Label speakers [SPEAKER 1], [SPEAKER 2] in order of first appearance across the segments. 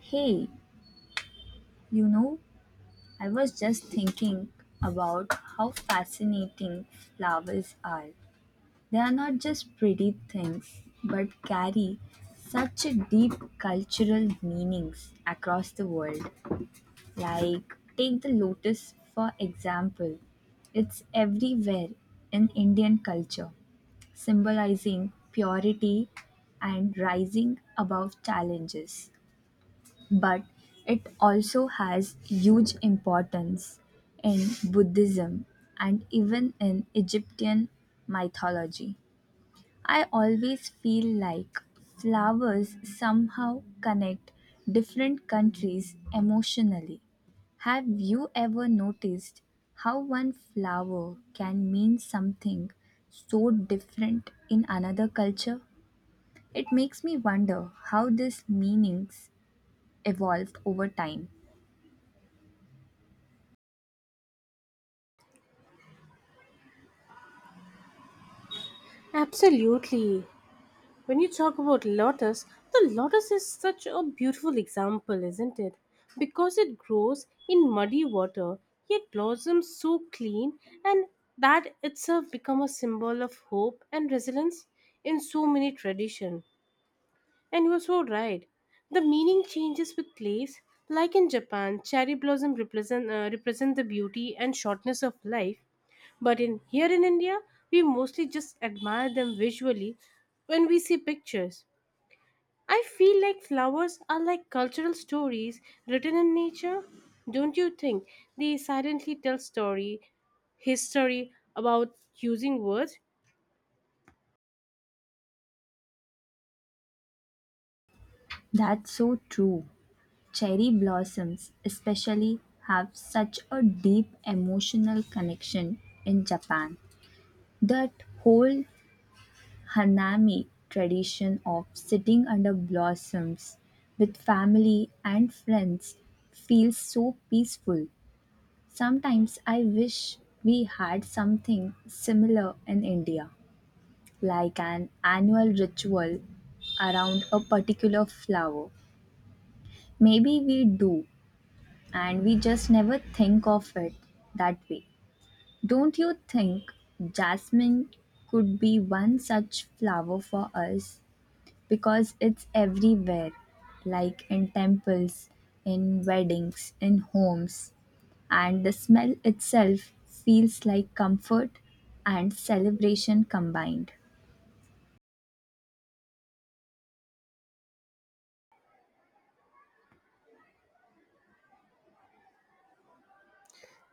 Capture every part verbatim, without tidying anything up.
[SPEAKER 1] Hey, you know, I was just thinking about how fascinating flowers are. They are not just pretty things, but carry such a deep cultural meanings across the world. Like, take the lotus for example. It's everywhere in Indian culture, symbolizing purity and rising above challenges. But it also has huge importance in Buddhism and even in Egyptian mythology. I always feel like flowers somehow connect different countries emotionally. Have you ever noticed how one flower can mean something so different in another culture? It makes me wonder how these meanings evolved over time.
[SPEAKER 2] Absolutely. When you talk about lotus, the lotus is such a beautiful example, isn't it? Because it grows in muddy water, yet blossoms so clean, and that itself become a symbol of hope and resilience in so many tradition. And you are so right. The meaning changes with place. Like in Japan, cherry blossom represent uh, represent the beauty and shortness of life, but in here in India, we mostly just admire them visually when we see pictures. I feel like flowers are like cultural stories written in nature. Don't you think they silently tell story, history about using words?
[SPEAKER 1] That's so true. Cherry blossoms, especially, have such a deep emotional connection in Japan. That whole Hanami tradition of sitting under blossoms with family and friends feels so peaceful. Sometimes I wish we had something similar in India, like an annual ritual around a particular flower. Maybe we do, and we just never think of it that way. Don't you think jasmine could be one such flower for us because it's everywhere, like in temples, in weddings, in homes, and the smell itself feels like comfort and celebration combined?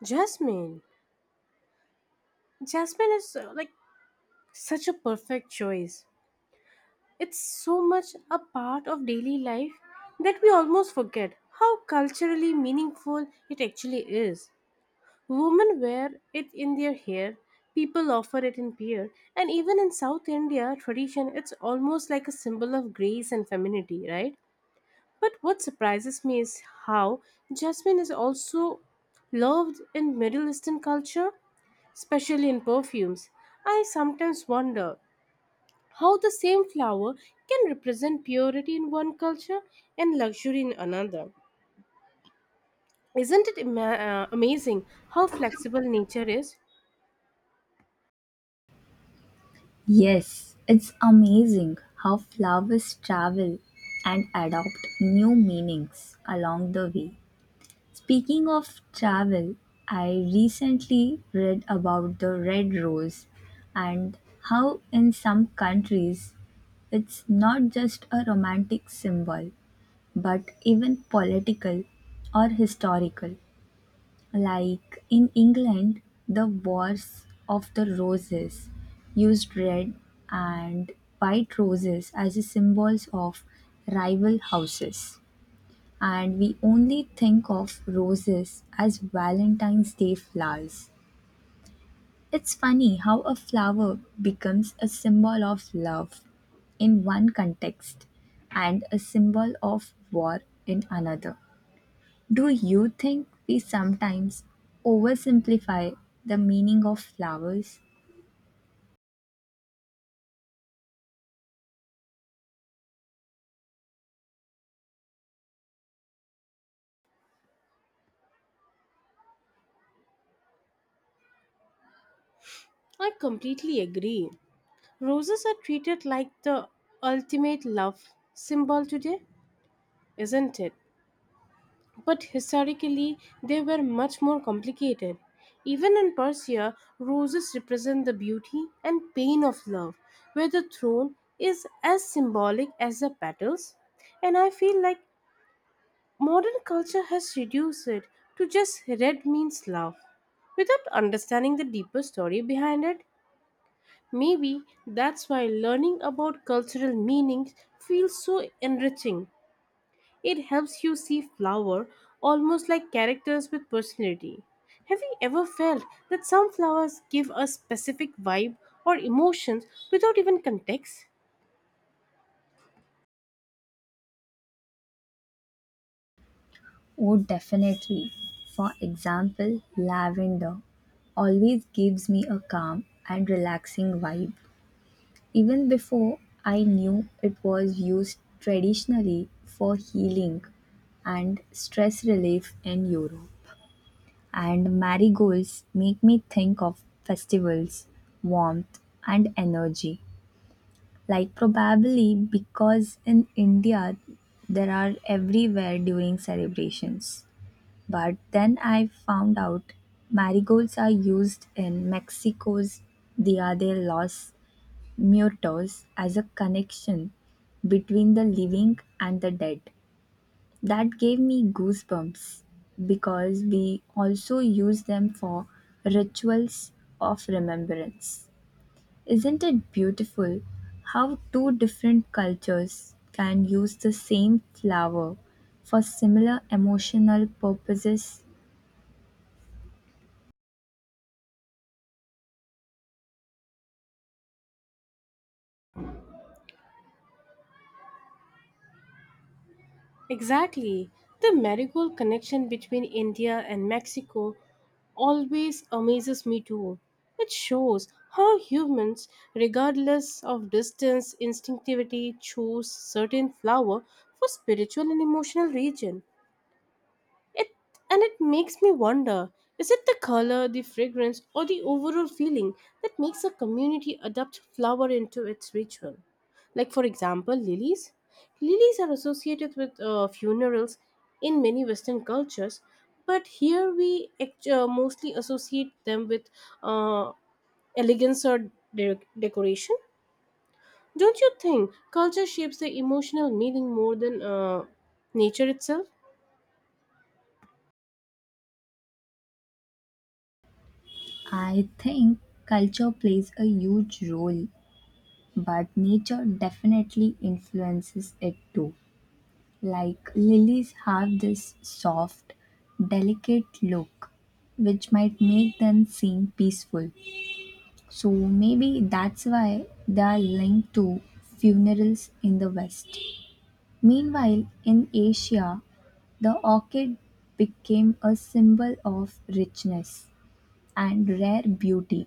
[SPEAKER 2] Jasmine. Jasmine is uh, like such a perfect choice. It's so much a part of daily life that we almost forget how culturally meaningful it actually is. Women wear it in their hair, people offer it in beer, and even in South India tradition, it's almost like a symbol of grace and femininity, right? But what surprises me is how jasmine is also loved in Middle Eastern culture, especially in perfumes. I sometimes wonder how the same flower can represent purity in one culture and luxury in another. Isn't it ima- uh, amazing how flexible nature is?
[SPEAKER 1] Yes, it's amazing how flowers travel and adopt new meanings along the way. Speaking of travel, I recently read about the red rose and how in some countries it's not just a romantic symbol but even political or historical. Like in England, the Wars of the Roses used red and white roses as a symbols of rival houses and we only think of roses as Valentine's Day flowers. It's funny how a flower becomes a symbol of love in one context and a symbol of war in another. Do you think we sometimes oversimplify the meaning of flowers?
[SPEAKER 2] I completely agree. Roses are treated like the ultimate love symbol today, isn't it? But historically, they were much more complicated. Even in Persia, roses represent the beauty and pain of love, where the throne is as symbolic as the petals. And I feel like modern culture has reduced it to just red means love without understanding the deeper story behind it. Maybe that's why learning about cultural meanings feels so enriching. It helps you see flower almost like characters with personality. Have you ever felt that some flowers give a specific vibe or emotions without even context?
[SPEAKER 1] Oh, definitely. For example, lavender always gives me a calm and relaxing vibe even before I knew it was used traditionally for healing and stress relief in Europe. And marigolds make me think of festivals, warmth, and energy. Like, probably because in India there are everywhere during celebrations. But then I found out marigolds are used in Mexico's Dia de los Mutos as a connection between the living and the dead. That gave me goosebumps because we also use them for rituals of remembrance. Isn't it beautiful how two different cultures can use the same flower for similar emotional purposes?
[SPEAKER 2] Exactly. The marigold connection between India and Mexico always amazes me too. It shows how humans, regardless of distance, instinctively choose certain flower for spiritual and emotional region. It and it makes me wonder, is it the color, the fragrance, or the overall feeling that makes a community adopt flower into its ritual? Like, for example, lilies. Lilies are associated with uh, funerals in many Western cultures, but here we act- uh, mostly associate them with uh, elegance or de- decoration. Don't you think culture shapes the emotional meaning more than uh, nature itself?
[SPEAKER 1] I think culture plays a huge role, but nature definitely influences it too. Like lilies have this soft, delicate look which might make them seem peaceful. So maybe that's why they are linked to funerals in the West. Meanwhile, in Asia, the orchid became a symbol of richness and rare beauty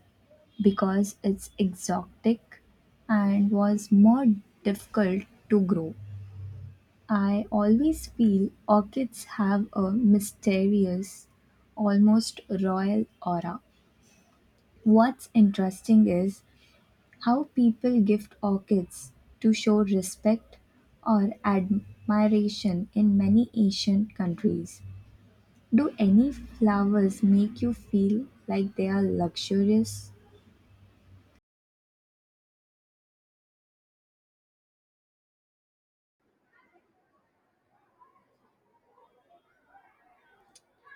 [SPEAKER 1] because it's exotic and was more difficult to grow. I always feel orchids have a mysterious, almost royal aura. What's interesting is how people gift orchids to show respect or admiration in many Asian countries. Do any flowers make you feel like they are luxurious?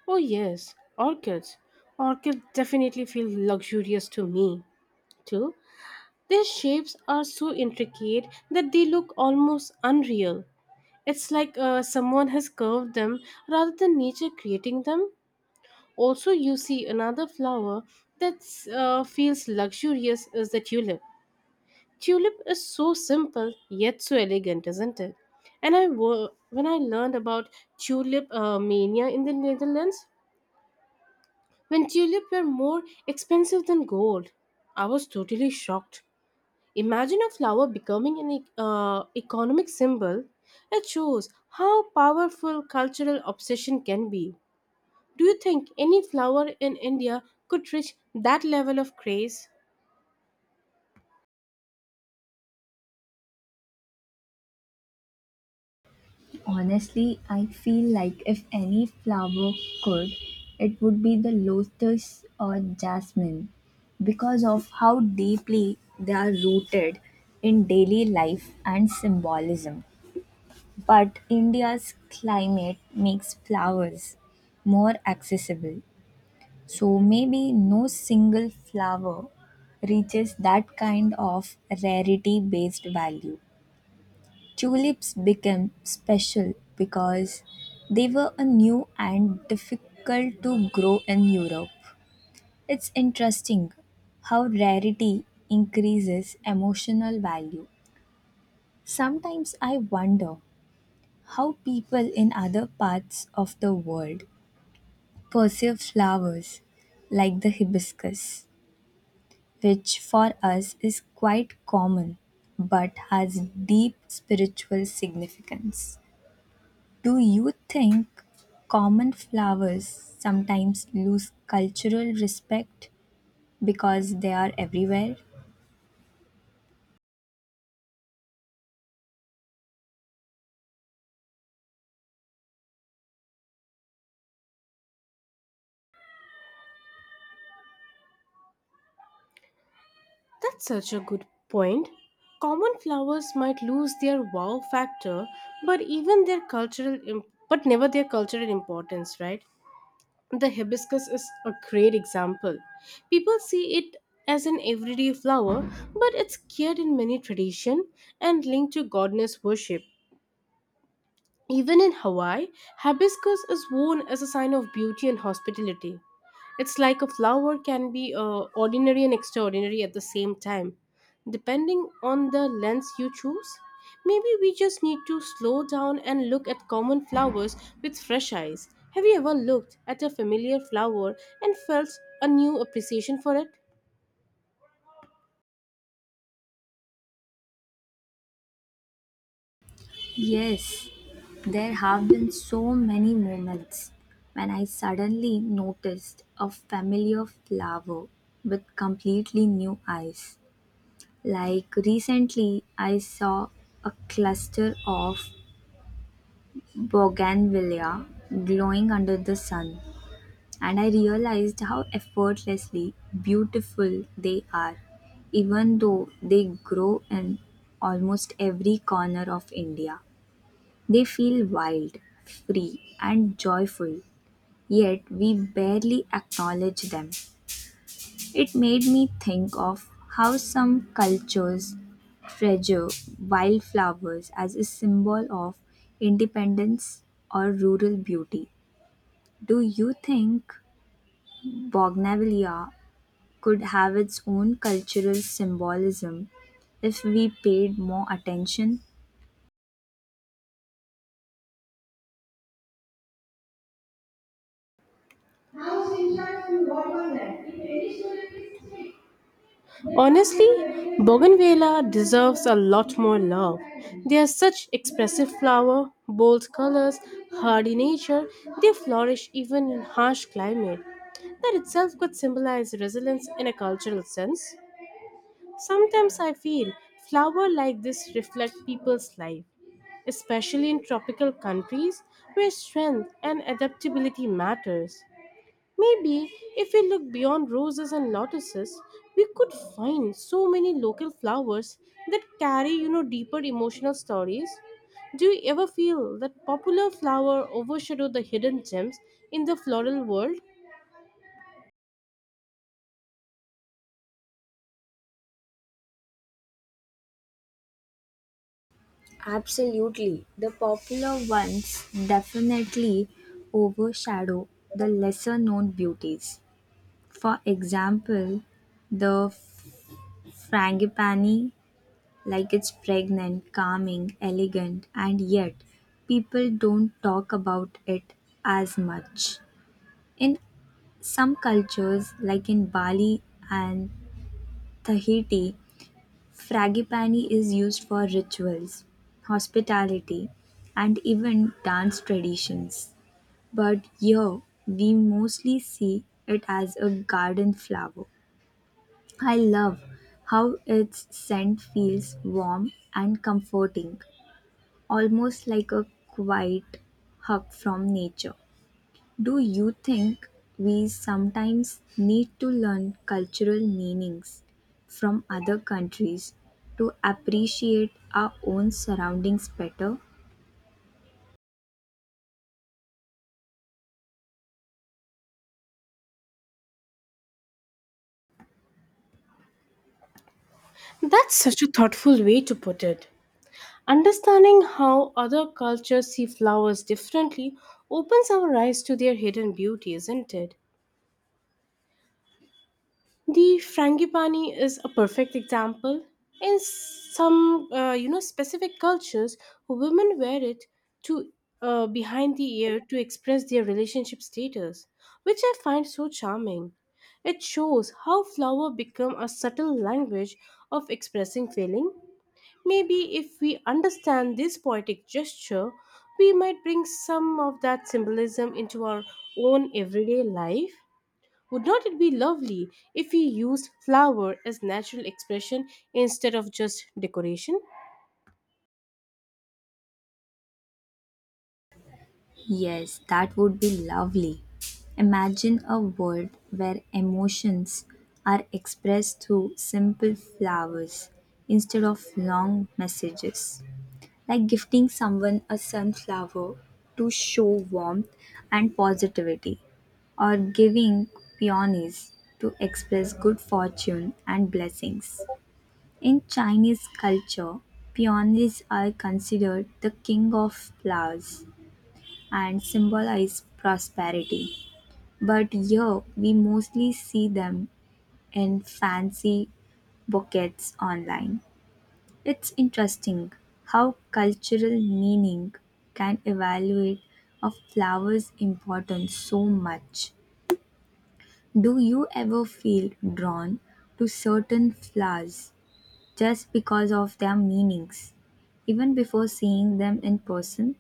[SPEAKER 2] Oh, yes, orchids. Orchids definitely feel luxurious to me, too. Their shapes are so intricate that they look almost unreal. It's like uh, someone has curved them rather than nature creating them. Also, you see another flower that uh, feels luxurious is the tulip. Tulip is so simple yet so elegant, isn't it? And I wo- when I learned about tulip uh, mania in the Netherlands, when tulips were more expensive than gold. I was totally shocked. Imagine a flower becoming an e- uh, economic symbol. It shows how powerful cultural obsession can be. Do you think any flower in India could reach that level of craze?
[SPEAKER 1] Honestly, I feel like if any flower could, it would be the lotus or jasmine because of how deeply they are rooted in daily life and symbolism. But India's climate makes flowers more accessible. So maybe no single flower reaches that kind of rarity based value. Tulips became special because they were a new and difficult to grow in Europe. It's interesting how rarity increases emotional value. Sometimes I wonder how people in other parts of the world perceive flowers like the hibiscus, which for us is quite common but has deep spiritual significance. Do you think common flowers sometimes lose cultural respect because they are everywhere?
[SPEAKER 2] That's such a good point. Common flowers might lose their wow factor, but even their cultural, imp- but never their cultural importance, right? The hibiscus is a great example. People see it as an everyday flower, but it's cared in many tradition and linked to goddess worship. Even in Hawaii, hibiscus is worn as a sign of beauty and hospitality. It's like a flower can be uh, ordinary and extraordinary at the same time, depending on the lens you choose. Maybe we just need to slow down and look at common flowers with fresh eyes. Have you ever looked at a familiar flower and felt a new appreciation for
[SPEAKER 1] Yes, there have been so many moments when I suddenly noticed a familiar flower with completely new eyes. Like recently, I saw a cluster of bougainvillea glowing under the sun, and I realized how effortlessly beautiful they are, even though they grow in almost every corner of India. They feel wild, free, and joyful, yet we barely acknowledge them. It made me think of how some cultures treasure wildflowers as a symbol of independence or rural beauty. Do you think bougainvillea could have its own cultural symbolism if we paid more attention?
[SPEAKER 2] it? Honestly, bougainvillea deserves a lot more love. They are such expressive flower, bold colors, hardy nature. They flourish even in harsh climate. That itself could symbolize resilience in a cultural sense. Sometimes I feel flowers like this reflect people's life, especially in tropical countries where strength and adaptability matters. Maybe if we look beyond roses and lotuses, we could find so many local flowers that carry, you know, deeper emotional stories. Do you ever feel that popular flower overshadow the hidden gems in the floral world?
[SPEAKER 1] Absolutely. The popular ones definitely overshadow the lesser known beauties. For example, the frangipani, like it's pregnant, calming, elegant, and yet people don't talk about it as much. In some cultures, like in Bali and Tahiti, Frangipani is used for rituals, hospitality, and even dance traditions. But here we mostly see it as a garden flower. I love how its scent feels warm and comforting, almost like a quiet hug from nature. Do you think we sometimes need to learn cultural meanings from other countries to appreciate our own surroundings better?
[SPEAKER 2] That's such a thoughtful way to put it. Understanding how other cultures see flowers differently opens our eyes to their hidden beauty, isn't it? The frangipani is a perfect example. In some, uh, you know, specific cultures, women wear it to uh, behind the ear to express their relationship status, which I find so charming. It shows how flower become a subtle language of expressing feeling. Maybe if we understand this poetic gesture, we might bring some of that symbolism into our own everyday life. Would not it be lovely if we used flower as natural expression instead of just decoration?
[SPEAKER 1] Yes, that would be lovely. Imagine a world where emotions are expressed through simple flowers instead of long messages, like gifting someone a sunflower to show warmth and positivity, or giving peonies to express good fortune and blessings. In Chinese culture, peonies are considered the king of flowers and symbolize prosperity. But here we mostly see them in fancy bouquets online. It's interesting how cultural meaning can evaluate a flower's importance so much. Do you ever feel drawn to certain flowers just because of their meanings, even before seeing them in person?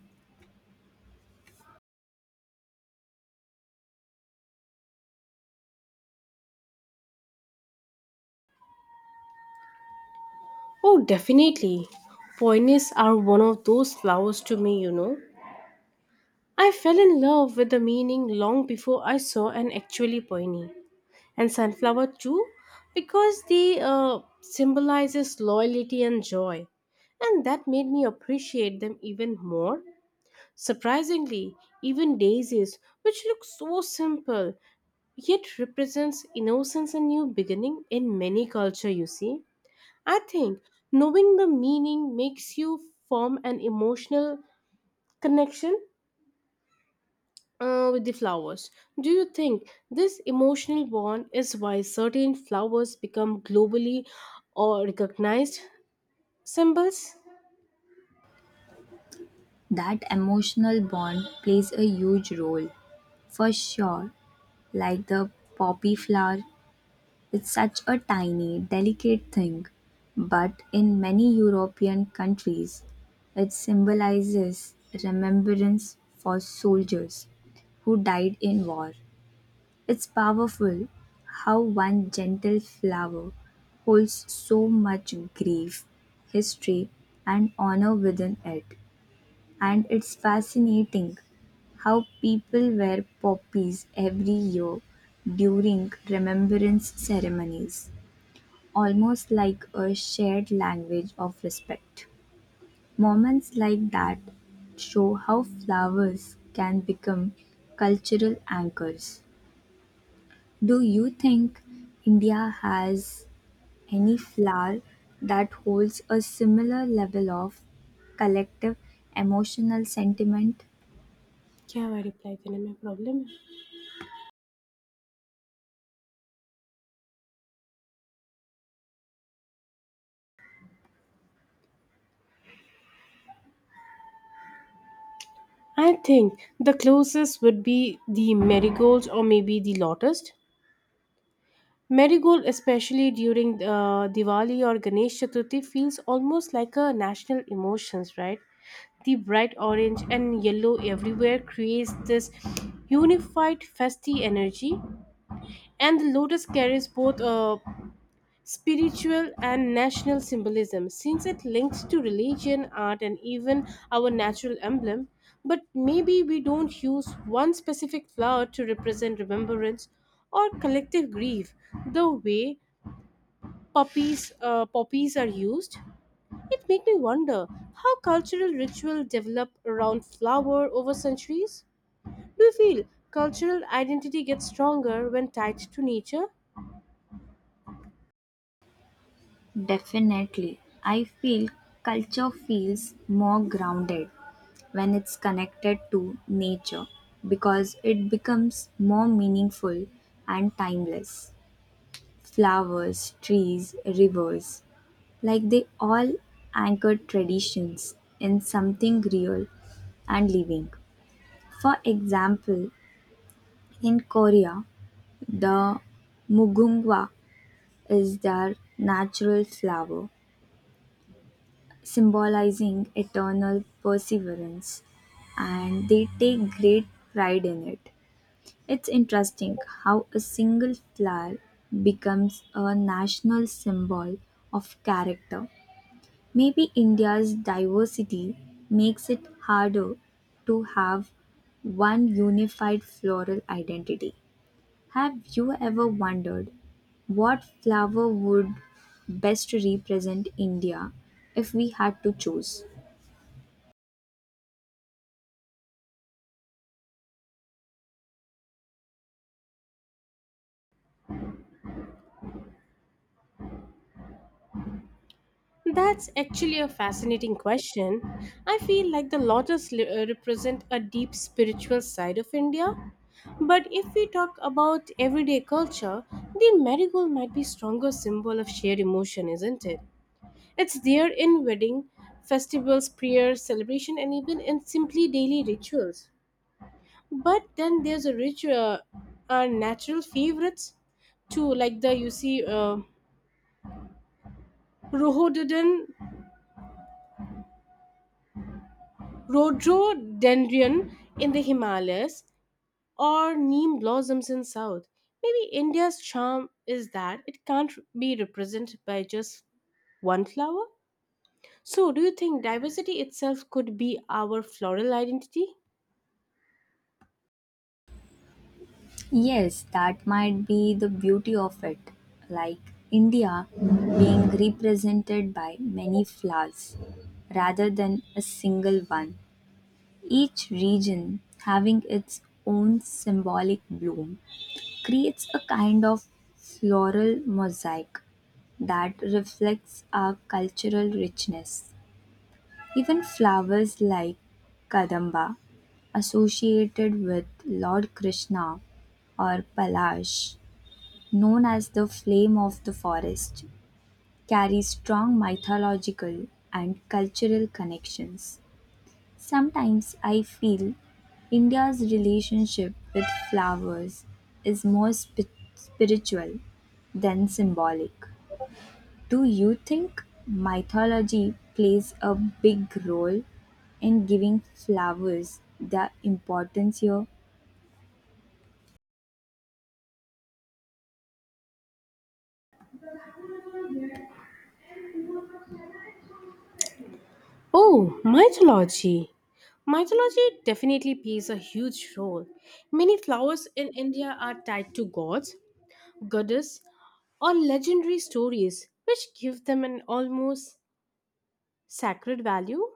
[SPEAKER 2] Oh, definitely. Poinsettias are one of those flowers to me, you know. I fell in love with the meaning long before I saw an actually pointy. And sunflower too, because they uh, symbolizes loyalty and joy. And that made me appreciate them even more. Surprisingly, even daisies, which look so simple, yet represents innocence and new beginning in many culture you see. I think knowing the meaning makes you form an emotional connection uh, with the flowers. Do you think this emotional bond is why certain flowers become globally or recognized symbols?
[SPEAKER 1] That emotional bond plays a huge role, for sure, like the poppy flower. It's such a tiny, delicate thing, but in many European countries, it symbolizes remembrance for soldiers who died in war. It's powerful how one gentle flower holds so much grief, history, and honor within it. And it's fascinating how people wear poppies every year during remembrance ceremonies almost like a shared language of respect. Moments like that show how flowers can become cultural anchors. Do you think India has any flower that holds a similar level of collective emotional sentiment?
[SPEAKER 2] क्या हमारी reply देने में problem है? I think the closest would be the marigolds or maybe the lotus. Marigold, especially during uh, Diwali or Ganesh Chaturthi, feels almost like a national emotions, right? The bright orange and yellow everywhere creates this unified festive energy, and the lotus carries both uh, spiritual and national symbolism since it links to religion, art, and even our natural emblem. But maybe we don't use one specific flower to represent remembrance or collective grief the way puppies uh, poppies are used. It made me wonder how cultural ritual develop around flower over centuries. Do you feel cultural identity gets stronger when tied to nature?
[SPEAKER 1] Definitely. I feel culture feels more grounded when it's connected to nature because it becomes more meaningful and timeless. Flowers, trees, rivers, like they all anchor traditions in something real and living. For example, in Korea, the mugungwa is their natural flower symbolizing eternal perseverance, and they take great pride in it. It's interesting how a single flower becomes a national symbol of character. Maybe India's diversity makes it harder to have one unified floral identity. Have you ever wondered what flower would best represent India if we had to choose?
[SPEAKER 2] That's actually a fascinating question. I feel like the lotus li- uh, represent a deep spiritual side of India, but if we talk about everyday culture, the marigold might be stronger symbol of shared emotion, isn't it? It's there in wedding, festivals, prayers, celebration, and even in simply daily rituals. But then there's a rich, uh, uh, natural favorites too, like the you see uh, rhododendron, rhododendron in the Himalayas or neem blossoms in South. Maybe India's charm is that it can't be represented by just one flower. So, do you think diversity itself could be our floral identity?
[SPEAKER 1] Yes, that might be the beauty of it. Like India being represented by many flowers rather than a single one. Each region having its own symbolic bloom creates a kind of floral mosaic that reflects our cultural richness. Even flowers like kadamba, associated with Lord Krishna or Palash, known as the Flame of the Forest, carries strong mythological and cultural connections. Sometimes I feel India's relationship with flowers is more spi- spiritual than symbolic. Do you think mythology plays a big role in giving flowers their importance here?
[SPEAKER 2] Oh, mythology. Mythology definitely plays a huge role. Many flowers in India are tied to gods, goddess, or legendary stories, which give them an almost sacred value.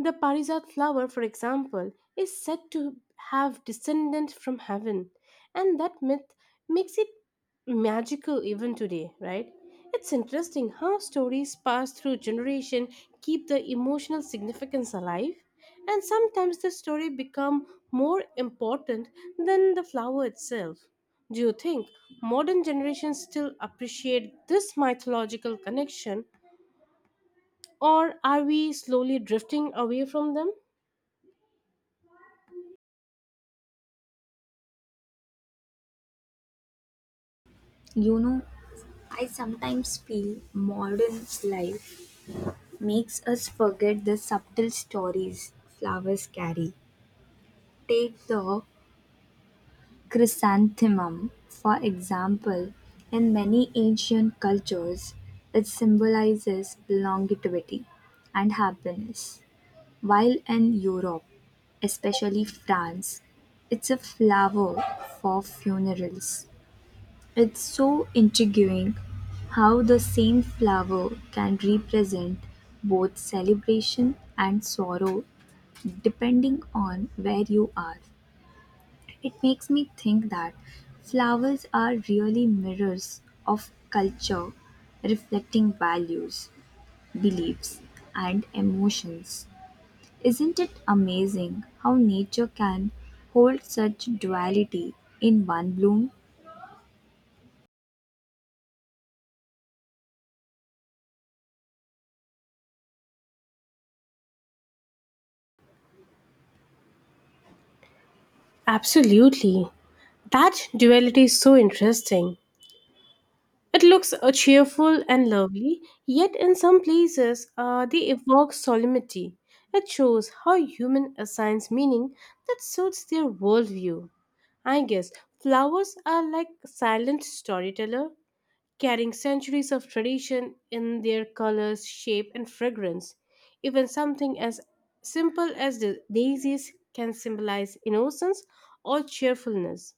[SPEAKER 2] The Parijat flower, for example, is said to have descended from heaven, and that myth makes it magical even today, right? It's interesting how stories passed through generation keep the emotional significance alive, and sometimes the story become more important than the flower itself. Do you think modern generations still appreciate this mythological connection, or are we slowly drifting away from them?
[SPEAKER 1] You know, I sometimes feel modern life makes us forget the subtle stories flowers carry. Take the chrysanthemum, for example. In many ancient cultures, it symbolizes longevity and happiness, while in Europe, especially France, it's a flower for funerals. It's so intriguing how the same flower can represent both celebration and sorrow depending on where you are. It makes me think that flowers are really mirrors of culture, reflecting values, beliefs, and emotions. Isn't it amazing how nature can hold such duality in one bloom?
[SPEAKER 2] Absolutely. That duality is so interesting. It looks uh, cheerful and lovely, yet in some places uh, they evoke solemnity. It shows how human assigns meaning that suits their worldview. I guess flowers are like silent storyteller, carrying centuries of tradition in their colors, shape, and fragrance. Even something as simple as the daisies can symbolize innocence or cheerfulness.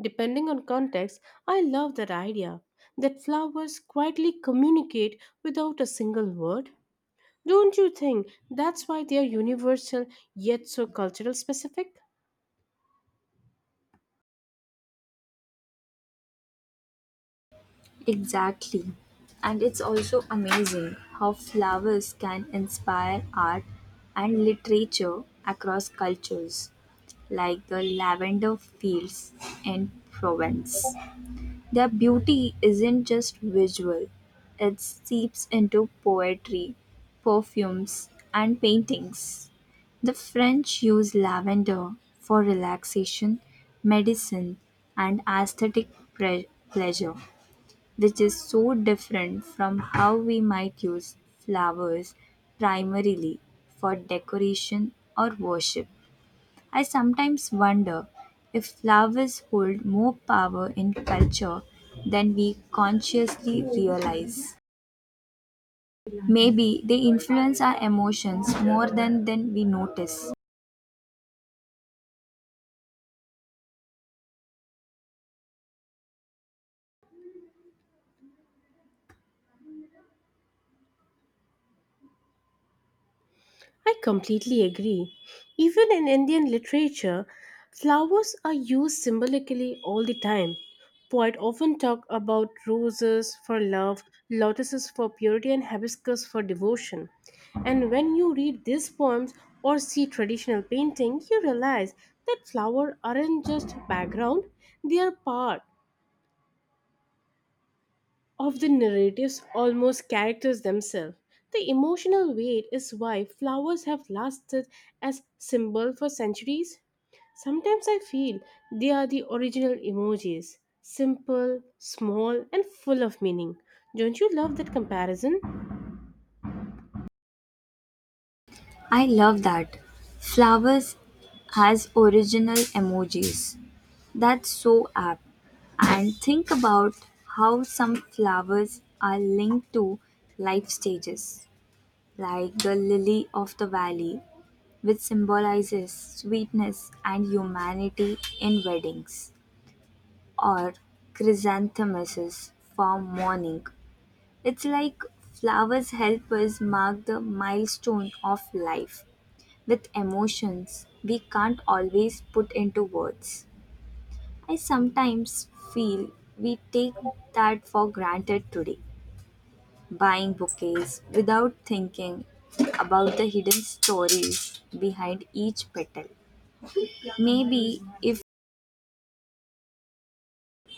[SPEAKER 2] Depending on context, I love that idea that flowers quietly communicate without a single word. Don't you think that's why they are universal yet so cultural specific?
[SPEAKER 1] Exactly. And it's also amazing how flowers can inspire art and literature across cultures, like the lavender fields in Provence. Their beauty isn't just visual, it seeps into poetry, perfumes, and paintings. The French use lavender for relaxation, medicine, and aesthetic pre- pleasure, which is so different from how we might use flowers primarily for decoration or worship. I sometimes wonder if flowers hold more power in culture than we consciously realize. Maybe they influence our emotions more than, than we notice.
[SPEAKER 2] I completely agree. Even in Indian literature, flowers are used symbolically all the time. Poets often talk about roses for love, lotuses for purity, and hibiscus for devotion. And when you read these poems or see traditional painting, you realize that flowers aren't just background, they are part of the narratives almost characters themselves. The emotional weight is why flowers have lasted as symbol for centuries. Sometimes I feel they are the original emojis, simple, small, and full of meaning. Don't you love that comparison?
[SPEAKER 1] I love that. Flowers has original emojis. That's so apt. And think about how some flowers are linked to life stages, like the lily of the valley, which symbolizes sweetness and humanity in weddings, or chrysanthemums for mourning. It's like flowers help us mark the milestone of life with emotions we can't always put into words. I sometimes feel we take that for granted today, buying bouquets without thinking about the hidden stories behind each petal. Maybe if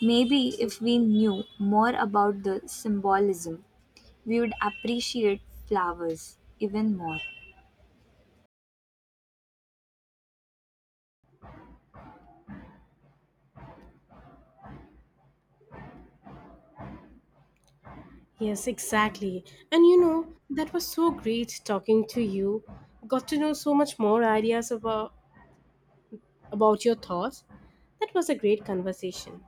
[SPEAKER 1] maybe if we knew more about the symbolism, we would appreciate flowers even more.
[SPEAKER 2] Yes, exactly. And you know, that was so great talking to you. Got to know so much more ideas about about your thoughts. That was a great conversation.